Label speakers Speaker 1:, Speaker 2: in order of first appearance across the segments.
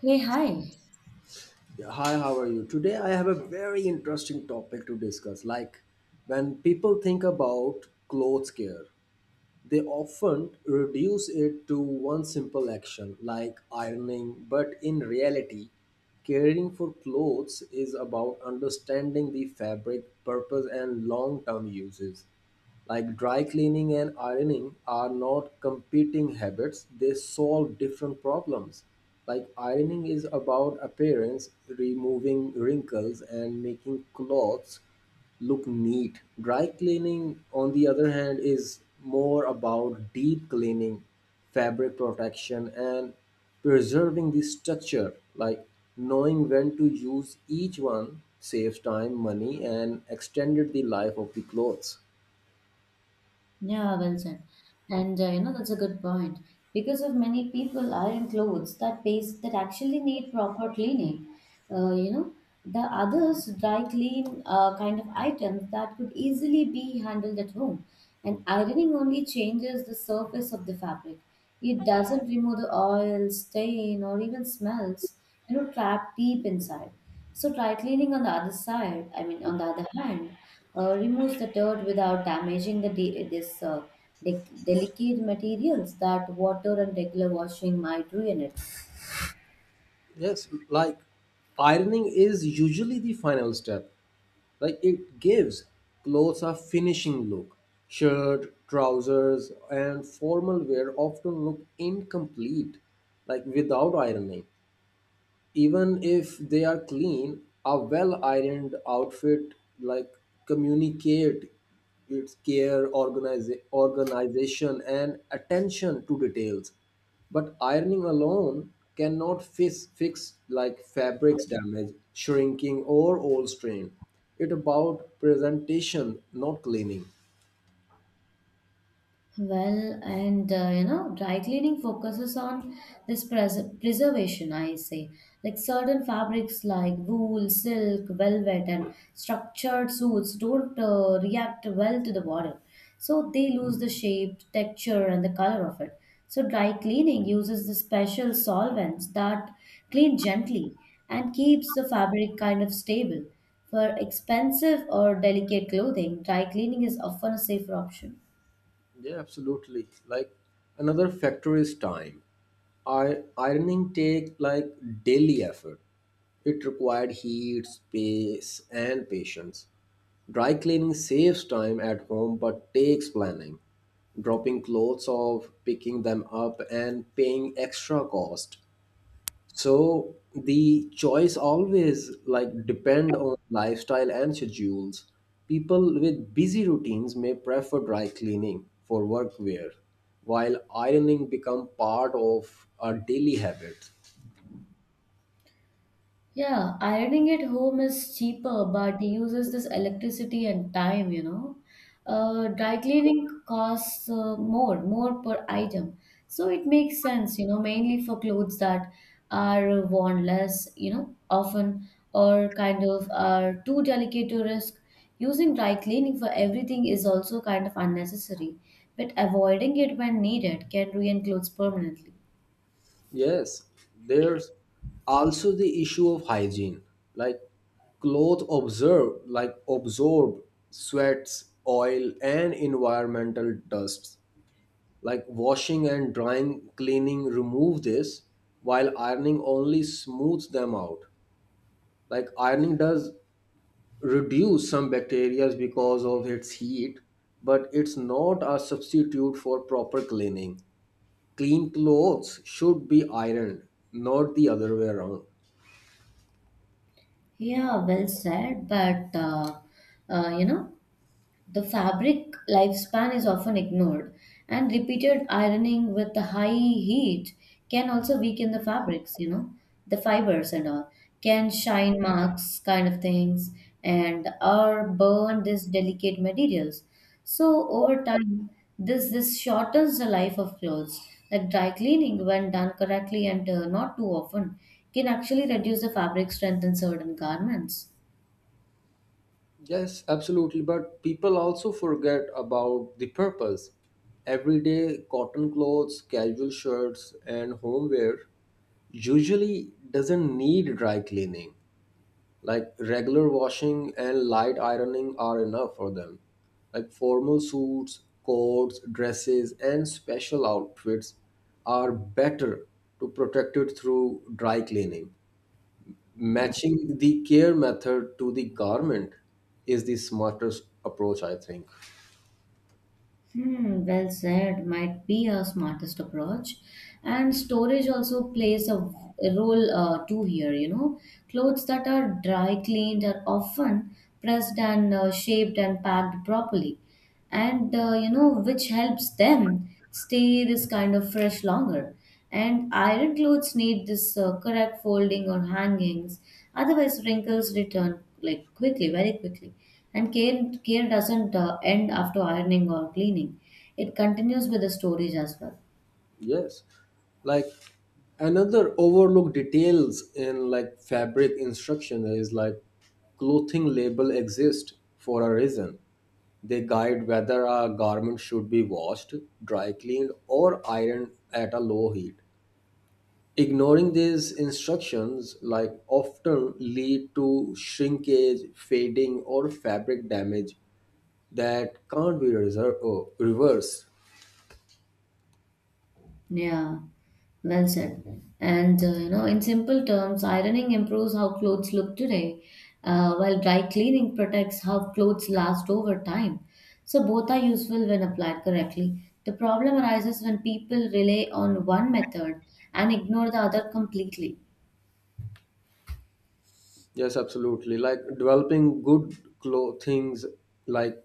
Speaker 1: Hey, hi.
Speaker 2: Yeah, hi, how are you? Today I have a very interesting topic to discuss. Like when people think about clothes care, they often reduce it to one simple action like ironing, but in reality, caring for clothes is about understanding the fabric, purpose, and long term uses. Like dry cleaning and ironing are not competing habits, they solve different problems. Like ironing is about appearance, removing wrinkles, and making clothes look neat. Dry cleaning, on the other hand, is more about deep cleaning, fabric protection, and preserving the structure. Like knowing when to use each one saves time, money, and extended the life of the clothes.
Speaker 1: Yeah, well said. And that's a good point because of many people iron clothes that pays that actually need proper cleaning. Uh, you know the others dry clean kind of items that could easily be handled at home. And ironing only changes the surface of the fabric. It doesn't remove the oil, stain, or even smells, trapped deep inside. So dry cleaning on the other side, I mean on the other hand, removes the dirt without damaging the delicate materials that water and regular washing might ruin it.
Speaker 2: Yes, like ironing is usually the final step. Like it gives clothes a finishing look. Shirt, trousers, and formal wear often look incomplete, like without ironing, even if they are clean. A well ironed outfit, like, communicate its care, organization, and attention to details, but ironing alone cannot fix, like, fabrics damage, shrinking, or old strain. It about presentation, not cleaning.
Speaker 1: Well, dry cleaning focuses on this preservation, I say. Like certain fabrics like wool, silk, velvet, and structured suits don't react well to the water. So they lose the shape, texture, and the color of it. So dry cleaning uses the special solvents that clean gently and keeps the fabric kind of stable. For expensive or delicate clothing, dry cleaning is often a safer option.
Speaker 2: Yeah, absolutely. Like another factor is time. I ironing take like daily effort. It required heat, space, and patience. Dry cleaning saves time at home but takes planning. Dropping clothes off, picking them up, and paying extra cost. So the choice always like depend on lifestyle and schedules. People with busy routines may prefer dry cleaning for workwear, while ironing become part of a daily habit.
Speaker 1: Yeah, ironing at home is cheaper, but uses this electricity and time, you know. Dry cleaning costs more per item. So it makes sense, you know, mainly for clothes that are worn less, you know, often or kind of are too delicate to risk. Using dry cleaning for everything is also kind of unnecessary, but avoiding it when needed can ruin clothes permanently.
Speaker 2: Yes, there's also the issue of hygiene. Like clothes observe like absorb sweats, oil, and environmental dusts. Like washing and drying cleaning remove this, while ironing only smooths them out. Like ironing does reduce some bacteria because of its heat, but it's not a substitute for proper cleaning. Clean clothes should be ironed, not the other way around.
Speaker 1: Yeah, well said, but uh, uh, you know, The fabric lifespan is often ignored, and repeated ironing with the high heat can also weaken the fabrics, you know, the fibers and all, can shine marks kind of things, and or burn these delicate materials. So over time, this shortens the life of clothes. Like dry cleaning, when done correctly and not too often, can actually reduce the fabric strength in certain garments.
Speaker 2: Yes, absolutely. But people also forget about the purpose. Everyday cotton clothes, casual shirts, and homeware usually doesn't need dry cleaning. Like regular washing and light ironing are enough for them. Like formal suits, coats, dresses, and special outfits are better to protect it through dry cleaning. Matching the care method to the garment is the smartest approach, I think.
Speaker 1: Hmm, well said, might be a smartest approach. And storage also plays a role too here, you know. Clothes that are dry cleaned are often pressed and shaped and packed properly. Which helps them stay this kind of fresh longer. And iron clothes need this correct folding or hangings, otherwise wrinkles return like quickly, very quickly. And care doesn't end after ironing or cleaning; it continues with the storage as well.
Speaker 2: Yes, like another overlooked details in like fabric instruction is like clothing label exist for a reason. They guide whether a garment should be washed, dry cleaned, or ironed at a low heat. Ignoring these instructions like often lead to shrinkage, fading, or fabric damage that can't be reversed.
Speaker 1: Yeah, well said. In simple terms, ironing improves how clothes look today, while dry cleaning protects how clothes last over time. So both are useful when applied correctly. The problem arises when people rely on one method and ignore the other completely.
Speaker 2: Yes, absolutely. Like like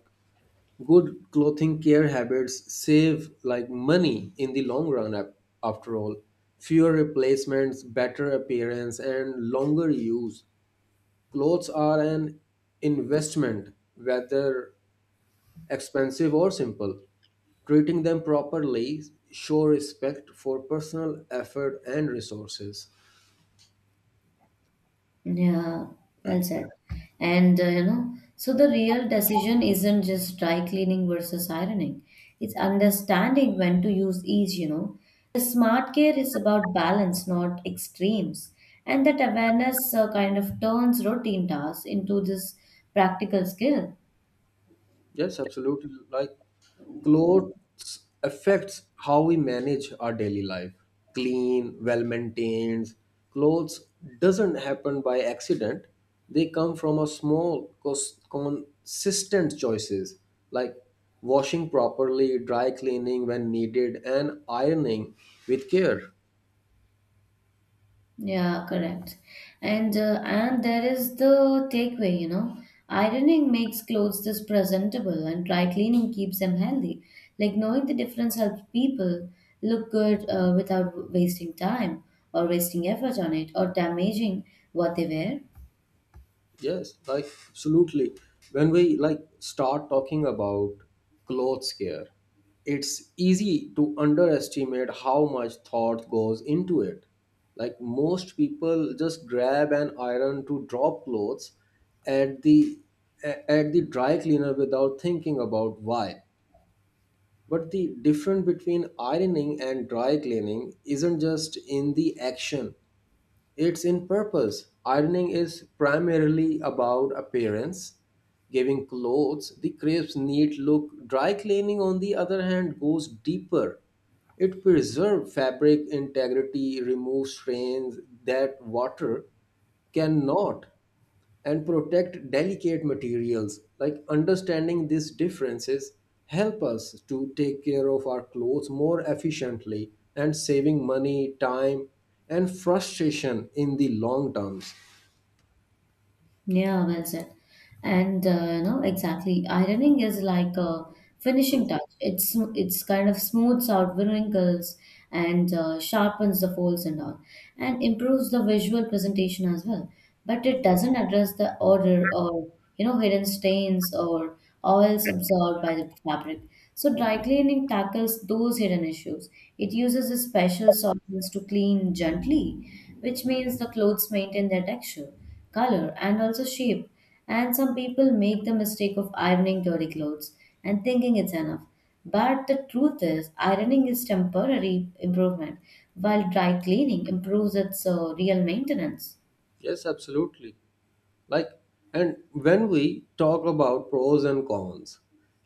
Speaker 2: good clothing care habits save like money in the long run. After all, fewer replacements, better appearance, and longer use. Clothes are an investment, whether expensive or simple. Treating them properly show respect for personal effort and resources.
Speaker 1: Yeah, well said. So the real decision isn't just dry cleaning versus ironing. It's understanding when to use each, you know. The smart care is about balance, not extremes. And that awareness kind of turns routine tasks into this practical skill.
Speaker 2: Yes, absolutely. Like clothes affects how we manage our daily life. Clean, well maintained clothes doesn't happen by accident. They come from a small consistent choices, like washing properly, dry cleaning when needed, and ironing with care.
Speaker 1: Yeah, correct. And there is the takeaway, you know. Ironing makes clothes this presentable and dry cleaning keeps them healthy. Like knowing the difference helps people look good without wasting time or wasting effort on it or damaging what they wear.
Speaker 2: Yes, like absolutely. When we like start talking about clothes care, it's easy to underestimate how much thought goes into it. Like most people just grab an iron to drop clothes at the at the dry cleaner without thinking about why. But the difference between ironing and dry cleaning isn't just in the action, it's in purpose. Ironing is primarily about appearance, giving clothes the crisp, neat look. Dry cleaning, on the other hand, goes deeper. It preserves fabric integrity, removes stains that water cannot, and protect delicate materials. Like understanding these differences help us to take care of our clothes more efficiently, and saving money, time, and frustration in the long terms.
Speaker 1: Yeah, well said. And exactly. Ironing is like a finishing touch. It's kind of smooths out wrinkles and sharpens the folds and all, and improves the visual presentation as well. But it doesn't address the odor or, you know, hidden stains or oils absorbed by the fabric. So dry cleaning tackles those hidden issues. It uses a special solvents to clean gently, which means the clothes maintain their texture, color, and also shape. And some people make the mistake of ironing dirty clothes and thinking it's enough. But the truth is, ironing is temporary improvement, while dry cleaning improves its real maintenance.
Speaker 2: Yes, absolutely. Like and when we talk about pros and cons,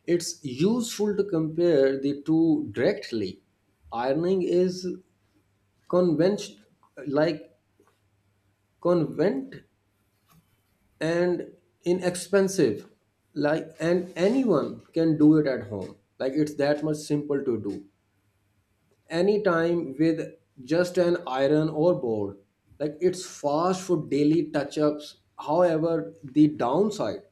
Speaker 2: it's useful to compare the two directly. Ironing is convention like convent and inexpensive, like, and anyone can do it at home, like it's that much simple to do anytime with just an iron or board. Like it's fast for daily touch ups. However, the downside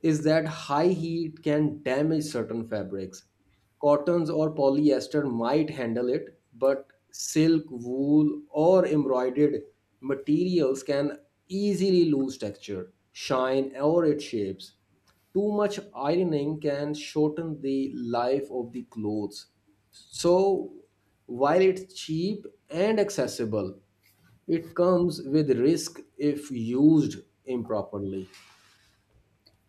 Speaker 2: is that high heat can damage certain fabrics. Cottons or polyester might handle it, but silk, wool, or embroidered materials can easily lose texture, shine, or its shapes. Too much ironing can shorten the life of the clothes. So, while it's cheap and accessible, it comes with risk if used improperly.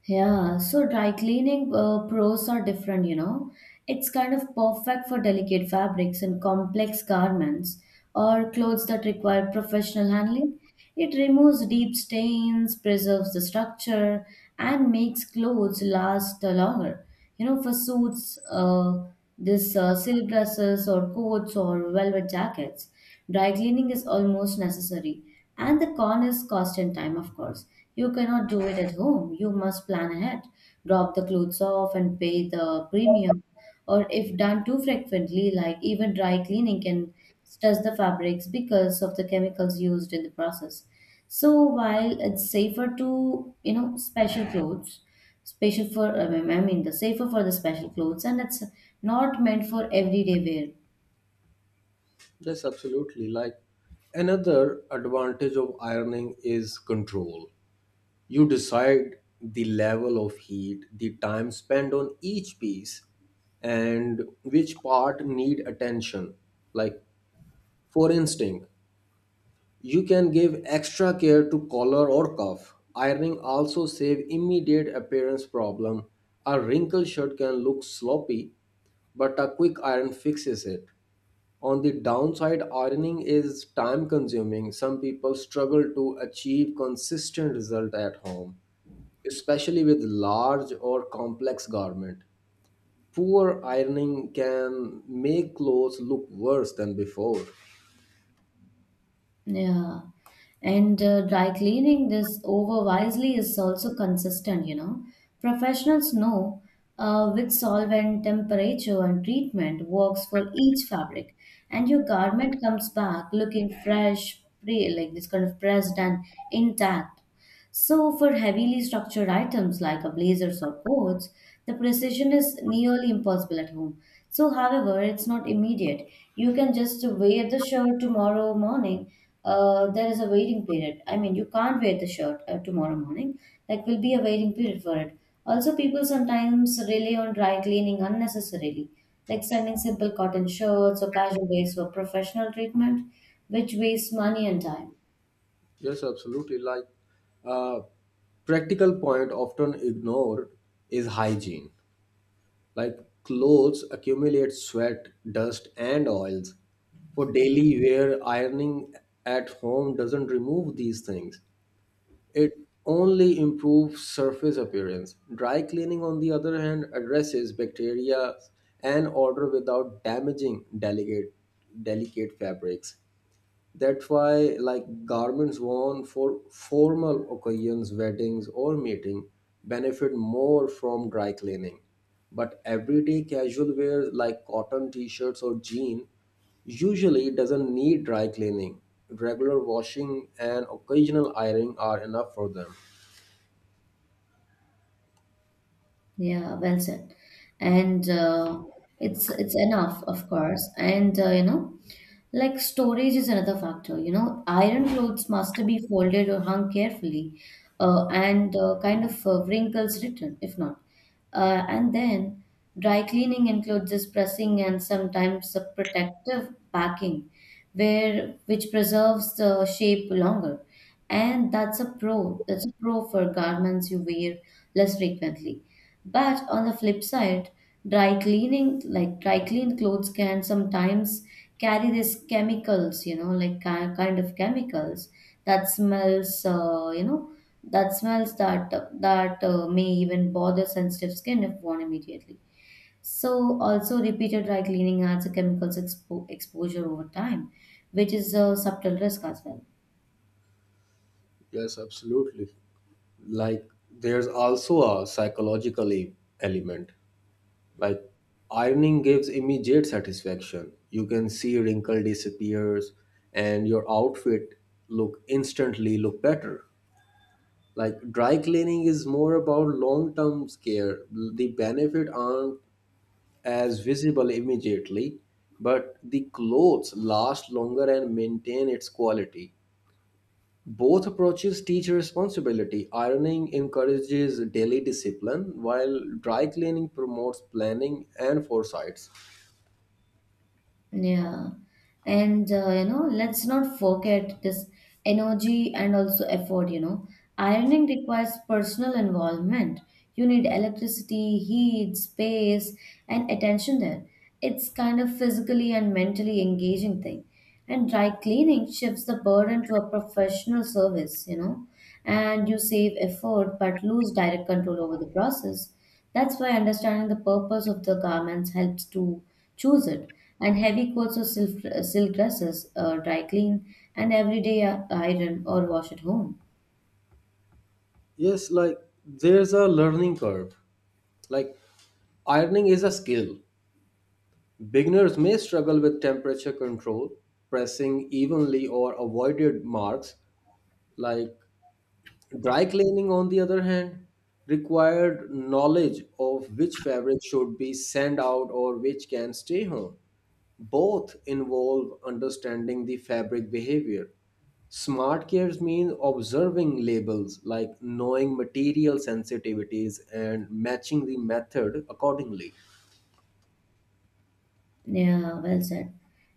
Speaker 1: Yeah, so dry cleaning pros are different, you know. It's kind of perfect for delicate fabrics and complex garments or clothes that require professional handling. It removes deep stains, preserves the structure, and makes clothes last longer. You know, for suits, this silk dresses or coats or velvet jackets, dry cleaning is almost necessary. And the con is cost and time, of course. You cannot do it at home. You must plan ahead, drop the clothes off, and pay the premium. Or if done too frequently, like even dry cleaning can stress the fabrics because of the chemicals used in the process. So while it's safer to, you know, special clothes, special for, I mean, the safer for the special clothes, and it's not meant for everyday wear.
Speaker 2: Yes, absolutely. Like another advantage of ironing is control. You decide the level of heat, the time spent on each piece, and which part need attention. Like, for instance, you can give extra care to collar or cuff. Ironing also save immediate appearance problem. A wrinkled shirt can look sloppy, but a quick iron fixes it. On the downside, ironing is time consuming. Some people struggle to achieve consistent result at home, especially with large or complex garment. Poor ironing can make clothes look worse than before.
Speaker 1: Yeah. And Dry cleaning this over wisely is also consistent, you know. Professionals know which solvent, temperature, and treatment works for each fabric. And your garment comes back looking fresh, pre like this kind of pressed and intact. So, for heavily structured items like a blazers or coats, the precision is nearly impossible at home. So, however, it's not immediate. You can just wear the shirt tomorrow morning. There is a waiting period. I mean, you can't wear the shirt tomorrow morning. Like, will be a waiting period for it. Also, people sometimes rely on dry cleaning unnecessarily, like sending simple cotton shirts or casual wears for professional treatment, which wastes money and time.
Speaker 2: Yes, absolutely. Like a practical point often ignored is hygiene. Like clothes accumulate sweat, dust, and oils. For daily wear, ironing at home doesn't remove these things. It only improves surface appearance. Dry cleaning, on the other hand, addresses bacteria and odor without damaging delicate fabrics. That's why, like, garments worn for formal occasions, weddings, or meeting, benefit more from dry cleaning. But everyday casual wear like cotton t-shirts or jean usually doesn't need dry cleaning. Regular washing and occasional ironing are enough for them.
Speaker 1: Yeah, well said. And It's enough, of course. Like storage is another factor. You know, iron clothes must be folded or hung carefully, and kind of wrinkles return if not. And then dry cleaning includes this pressing and sometimes a protective packing, where which preserves the shape longer. And that's a pro. That's a pro for garments you wear less frequently. But on the flip side, dry cleaning, like dry clean clothes, can sometimes carry these chemicals, you know, like kind of chemicals that smells, you know, that smells that that may even bother sensitive skin if worn immediately. So also repeated dry cleaning adds a chemicals exposure over time, which is a subtle risk as well.
Speaker 2: Yes, absolutely. Like there's also a psychological element. Like ironing gives immediate satisfaction. You can see wrinkle disappears and your outfit look better. Like dry cleaning is more about long-term care. The benefit aren't as visible immediately, but the clothes last longer and maintain its quality. Both approaches teach responsibility. Ironing encourages daily discipline, while dry cleaning promotes planning and foresights.
Speaker 1: Yeah, let's not forget this energy and also effort, you know. Ironing requires personal involvement. You need electricity, heat, space, and attention there. It's kind of physically and mentally engaging thing. And dry cleaning shifts the burden to a professional service, you know, and you save effort but lose direct control over the process. That's why understanding the purpose of the garments helps to choose it. And heavy coats or silk, silk dresses, dry clean, and everyday iron or wash at home.
Speaker 2: Yes, like there's a learning curve. Like ironing is a skill. Beginners may struggle with temperature control, pressing evenly, or avoided marks. Like dry cleaning, on the other hand, required knowledge of which fabric should be sent out or which can stay home. Both involve understanding the fabric behavior. Smart cares means observing labels, like knowing material sensitivities and matching the method accordingly.
Speaker 1: Yeah, well said.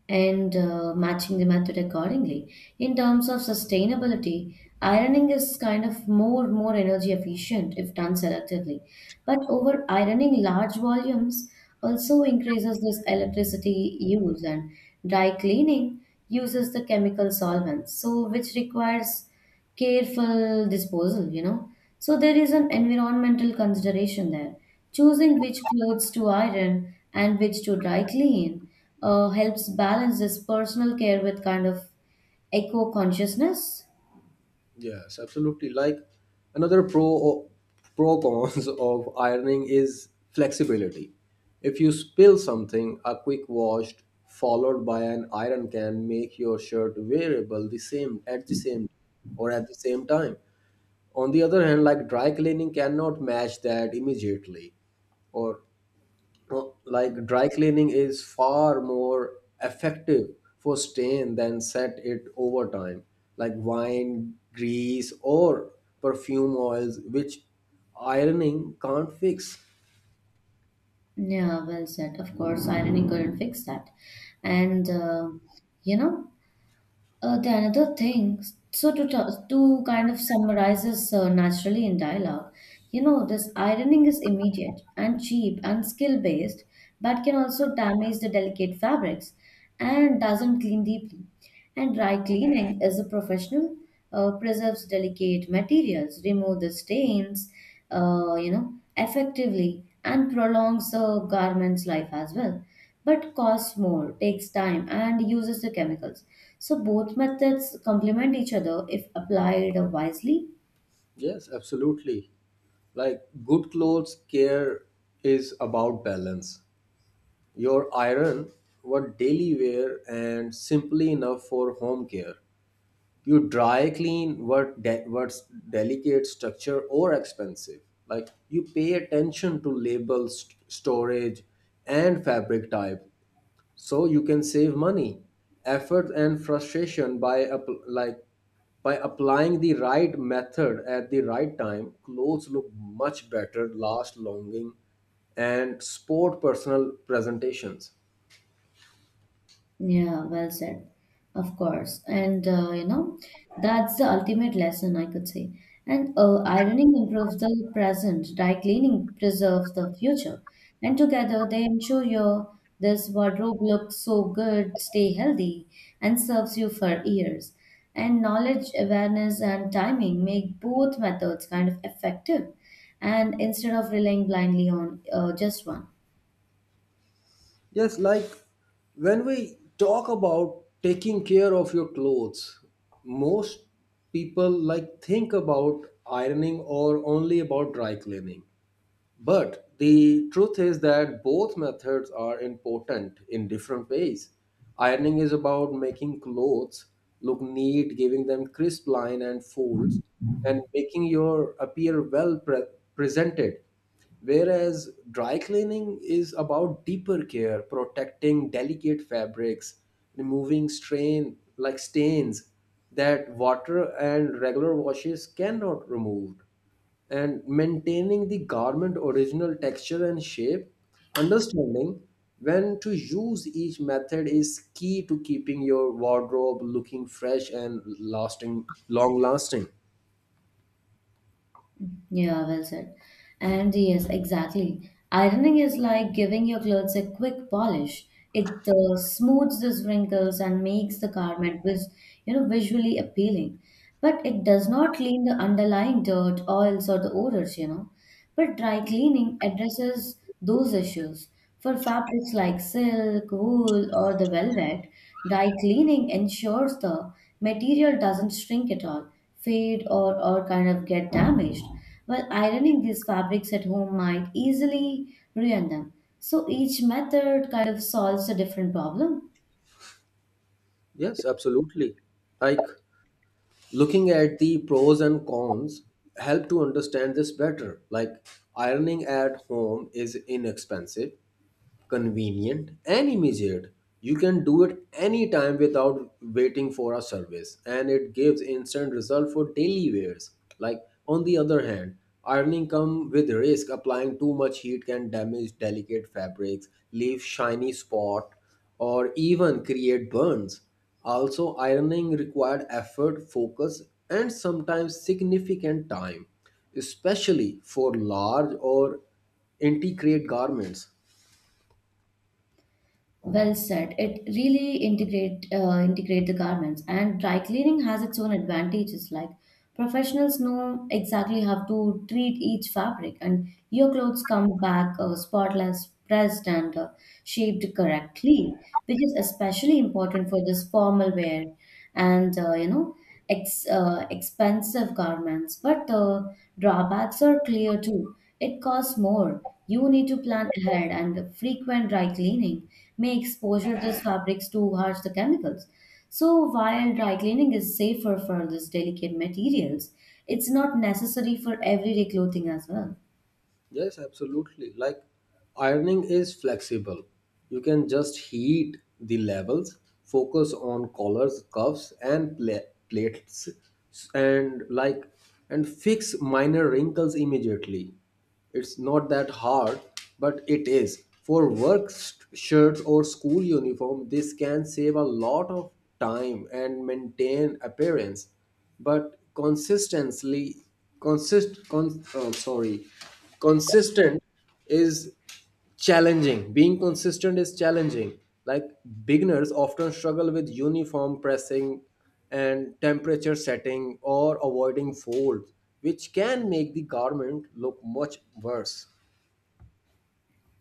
Speaker 1: And Matching the method accordingly. In terms of sustainability, ironing is kind of more energy efficient if done selectively. But over ironing large volumes also increases this electricity use, and dry cleaning uses the chemical solvents, so which requires careful disposal, you know. So there is an environmental consideration there. Choosing which clothes to iron and which to dry clean helps balance this personal care with kind of eco consciousness.
Speaker 2: Yes, absolutely. Like another pro cons of ironing is flexibility. If you spill something, a quick wash followed by an iron can make your shirt wearable the same at the same or at the same time. On the other hand, like dry cleaning cannot match that immediately. Or, well, like dry cleaning is far more effective for stain than set it over time, like wine, grease, or perfume oils, which ironing can't fix.
Speaker 1: Yeah, well said. Of course, ironing couldn't fix that. And, uh, you know, Uh, the another thing, so to kind of summarizes naturally in dialogue, you know, this ironing is immediate and cheap and skill based, but can also damage the delicate fabrics and doesn't clean deeply. And dry cleaning is a professional, preserves delicate materials, remove the stains, effectively and prolongs the garment's life as well, but costs more, takes time, and uses the chemicals. So both methods complement each other if applied wisely.
Speaker 2: Yes, absolutely. Like good clothes care is about balance. Your iron what daily wear and simply enough for home care. You dry clean what what's delicate, structure, or expensive. Like you pay attention to labels, storage, and fabric type, so you can save money, effort, and frustration by applying the right method at the right time. Clothes look much better, last longing, and sport personal presentations.
Speaker 1: Yeah, well said. Of course. That's the ultimate lesson, I could say. And ironing improves the present, dry cleaning preserves the future. And together they ensure your this wardrobe looks so good, stay healthy, and serves you for years. And knowledge, awareness, and timing make both methods kind of effective. And instead of relying blindly on just one.
Speaker 2: Yes, like when we talk about taking care of your clothes, most people like think about ironing or only about dry cleaning. But the truth is that both methods are important in different ways. Ironing is about making clothes look neat, giving them crisp line and folds, and making your appear well presented. Whereas dry cleaning is about deeper care, protecting delicate fabrics, removing strain like stains that water and regular washes cannot remove, and maintaining the garment original texture and shape. Understanding when to use each method is key to keeping your wardrobe looking fresh and lasting long lasting.
Speaker 1: Yeah, well said. And yes, exactly. Ironing is like giving your clothes a quick polish. It smooths the wrinkles and makes the garment vis you know visually appealing. But it does not clean the underlying dirt, oils, or the odors, you know. But dry cleaning addresses those issues. For fabrics like silk, wool, or the velvet, dry cleaning ensures the material doesn't shrink at all, fade, or kind of get damaged, while ironing these fabrics at home might easily ruin them. So each method kind of solves a different problem.
Speaker 2: Yes, absolutely. Like looking at the pros and cons help to understand this better. Like ironing at home is inexpensive, convenient, and immediate. You can do it anytime without waiting for a service, and it gives instant result for daily wears. Like, on the other hand, ironing come with risk. Applying too much heat can damage delicate fabrics, leave shiny spot, or even create burns. Also, ironing required effort, focus, and sometimes significant time, especially for large or intricate garments.
Speaker 1: Well said. It really integrate integrate the garments, and dry cleaning has its own advantages. Like professionals know exactly how to treat each fabric, and your clothes come back spotless, pressed, and shaped correctly, which is especially important for this formal wear. And expensive garments, but the drawbacks are clear too. It costs more. You need to plan ahead, and frequent dry cleaning may exposure these fabrics to harsh the chemicals. So while dry cleaning is safer for these delicate materials, it's not necessary for everyday clothing as well.
Speaker 2: Yes, absolutely. Like ironing is flexible. You can just heat the levels, focus on collars, cuffs, and plates, and, and fix minor wrinkles immediately. It's not that hard, but it is. For work shirts or school uniform, this can save a lot of time and maintain appearance, but consistently consist con, oh, sorry consistent is challenging being consistent is challenging. Like beginners often struggle with uniform pressing and temperature setting, or avoiding folds, which can make the garment look much worse.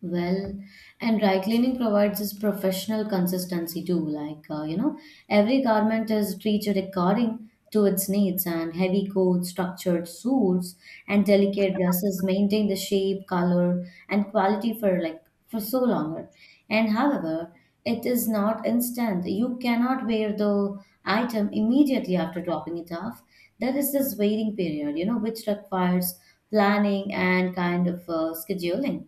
Speaker 1: Well, and dry cleaning provides this professional consistency too. Like, every garment is treated according to its needs, and heavy coats, structured suits, and delicate dresses maintain the shape, color, and quality for so longer. And however, it is not instant. You cannot wear the item immediately after dropping it off. There is this waiting period, which requires planning and kind of scheduling.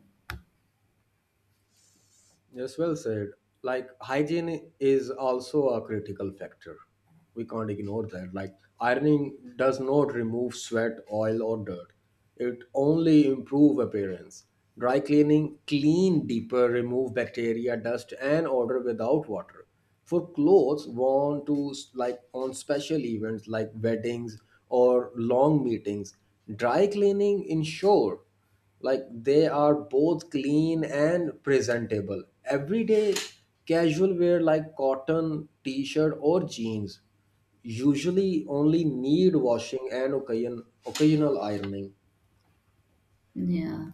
Speaker 2: Yes, well said. Like hygiene is also a critical factor. We can't ignore that. Like ironing does not remove sweat, oil, or dirt. It only improve appearance. Dry cleaning clean deeper, remove bacteria, dust, and odor without water. For clothes worn to like on special events like weddings or long meetings, dry cleaning ensure like they are both clean and presentable. Everyday casual wear like cotton t-shirt or jeans usually only need washing and occasional ironing.
Speaker 1: Yeah.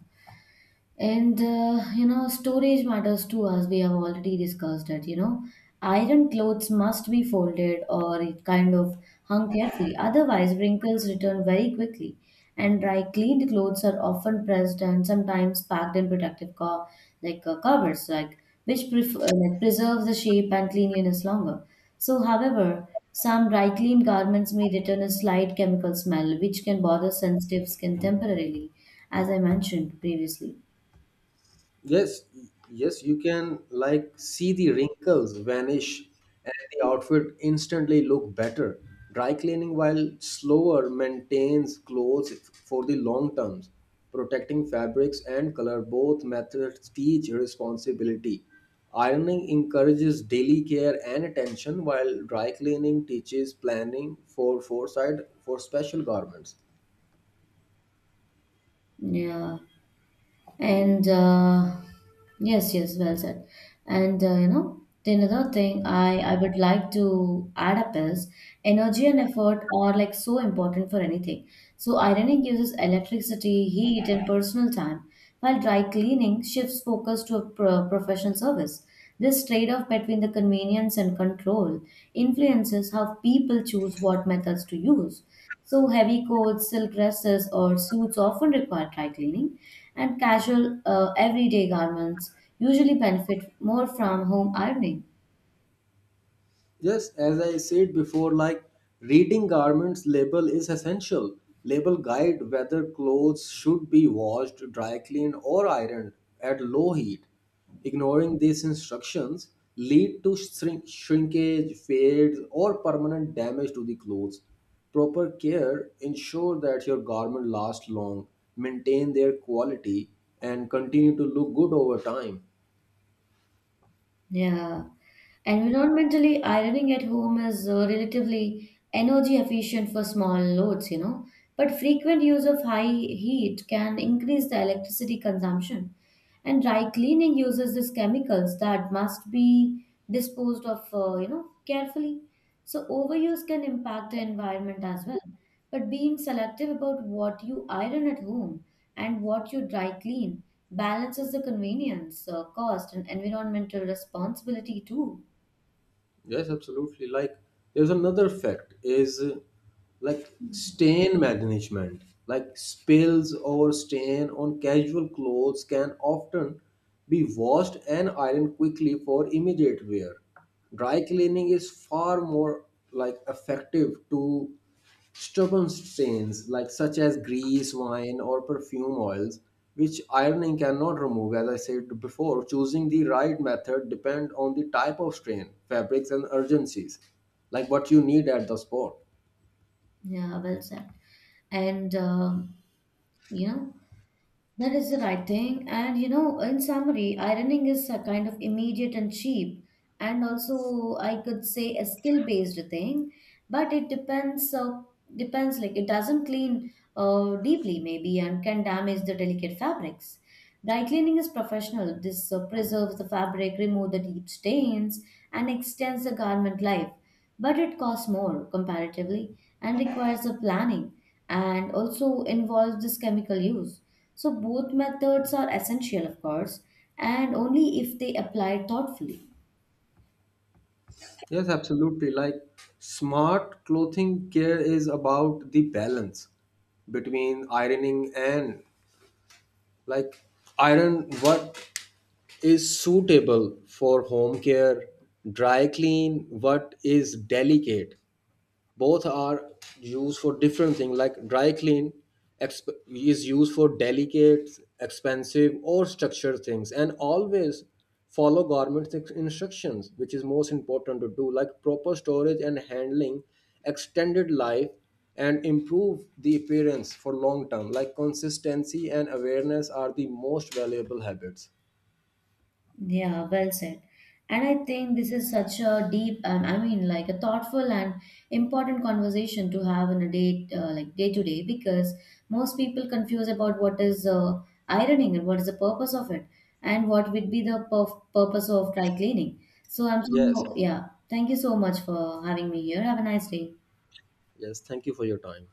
Speaker 1: And storage matters too, as we have already discussed that. Iron clothes must be folded or it kind of hung carefully, otherwise, wrinkles return very quickly. And dry cleaned clothes are often pressed and sometimes packed in protective like covers, like which like preserves the shape and cleanliness longer. So, however, some dry cleaned garments may return a slight chemical smell, which can bother sensitive skin temporarily, as I mentioned previously.
Speaker 2: Yes, yes, you can like see the wrinkles vanish and the outfit instantly look better. Dry cleaning, while slower, maintains clothes for the long terms, protecting fabrics and color. Both methods teach responsibility. Ironing encourages daily care and attention, while dry cleaning teaches planning for foresight for special garments.
Speaker 1: Yeah, and yes, yes, well said. And the another thing I would like to add up is energy and effort are like so important for anything. So ironing uses electricity, heat, and personal time, while dry cleaning shifts focus to a professional service. This trade-off between the convenience and control influences how people choose what methods to use. So heavy coats, silk dresses, or suits often require dry cleaning, and casual, everyday garments usually benefit more from home ironing.
Speaker 2: Just as I said before, like reading garments label is essential. Label guide whether clothes should be washed, dry cleaned, or ironed at low heat. Ignoring these instructions lead to shrinkage, fades, or permanent damage to the clothes. Proper care ensure that your garment lasts long, maintain their quality, and continue to look good over time.
Speaker 1: Yeah. Environmentally, ironing at home is relatively energy efficient for small loads, but frequent use of high heat can increase the electricity consumption. And dry cleaning uses these chemicals that must be disposed of carefully, so overuse can impact the environment as well. But being selective about what you iron at home and what you dry clean balances the convenience, cost, and environmental responsibility too.
Speaker 2: Yes, absolutely. Like there's another fact is, like, stain management. Like spills or stain on casual clothes can often be washed and ironed quickly for immediate wear. Dry cleaning is far more like effective to stubborn stains, like such as grease, wine, or perfume oils, which ironing cannot remove. As I said before, choosing the right method depend on the type of stain, fabrics, and urgencies, like what you need at the spot.
Speaker 1: Yeah, well said. And you know that is the right thing. And you know, in summary, ironing is a kind of immediate and cheap, and also I could say a skill-based thing, but it depends. Depends, like it doesn't clean deeply, maybe, and can damage the delicate fabrics. Dry cleaning is professional. This preserves the fabric, removes the deep stains, and extends the garment life. But it costs more comparatively and requires a planning and also involves this chemical use. So both methods are essential, of course, and only if they applied thoughtfully.
Speaker 2: Yes, absolutely. Like smart clothing care is about the balance between ironing and, like, iron what is suitable for home care, dry clean what is delicate. Both are used for different things. Like dry clean is used for delicate, expensive, or structured things, and always follow government instructions, which is most important to do. Like proper storage and handling extended life and improve the appearance for long term. Like consistency and awareness are the most valuable habits.
Speaker 1: Yeah, well said. And I think this is such a deep, I mean, like a thoughtful and important conversation to have in a day, like day to day, because most people confuse about what is ironing and what is the purpose of it, and what would be the purpose of dry cleaning. So I'm
Speaker 2: yes
Speaker 1: so yeah. Thank you so much for having me here. Have a nice day.
Speaker 2: Yes, thank you for your time.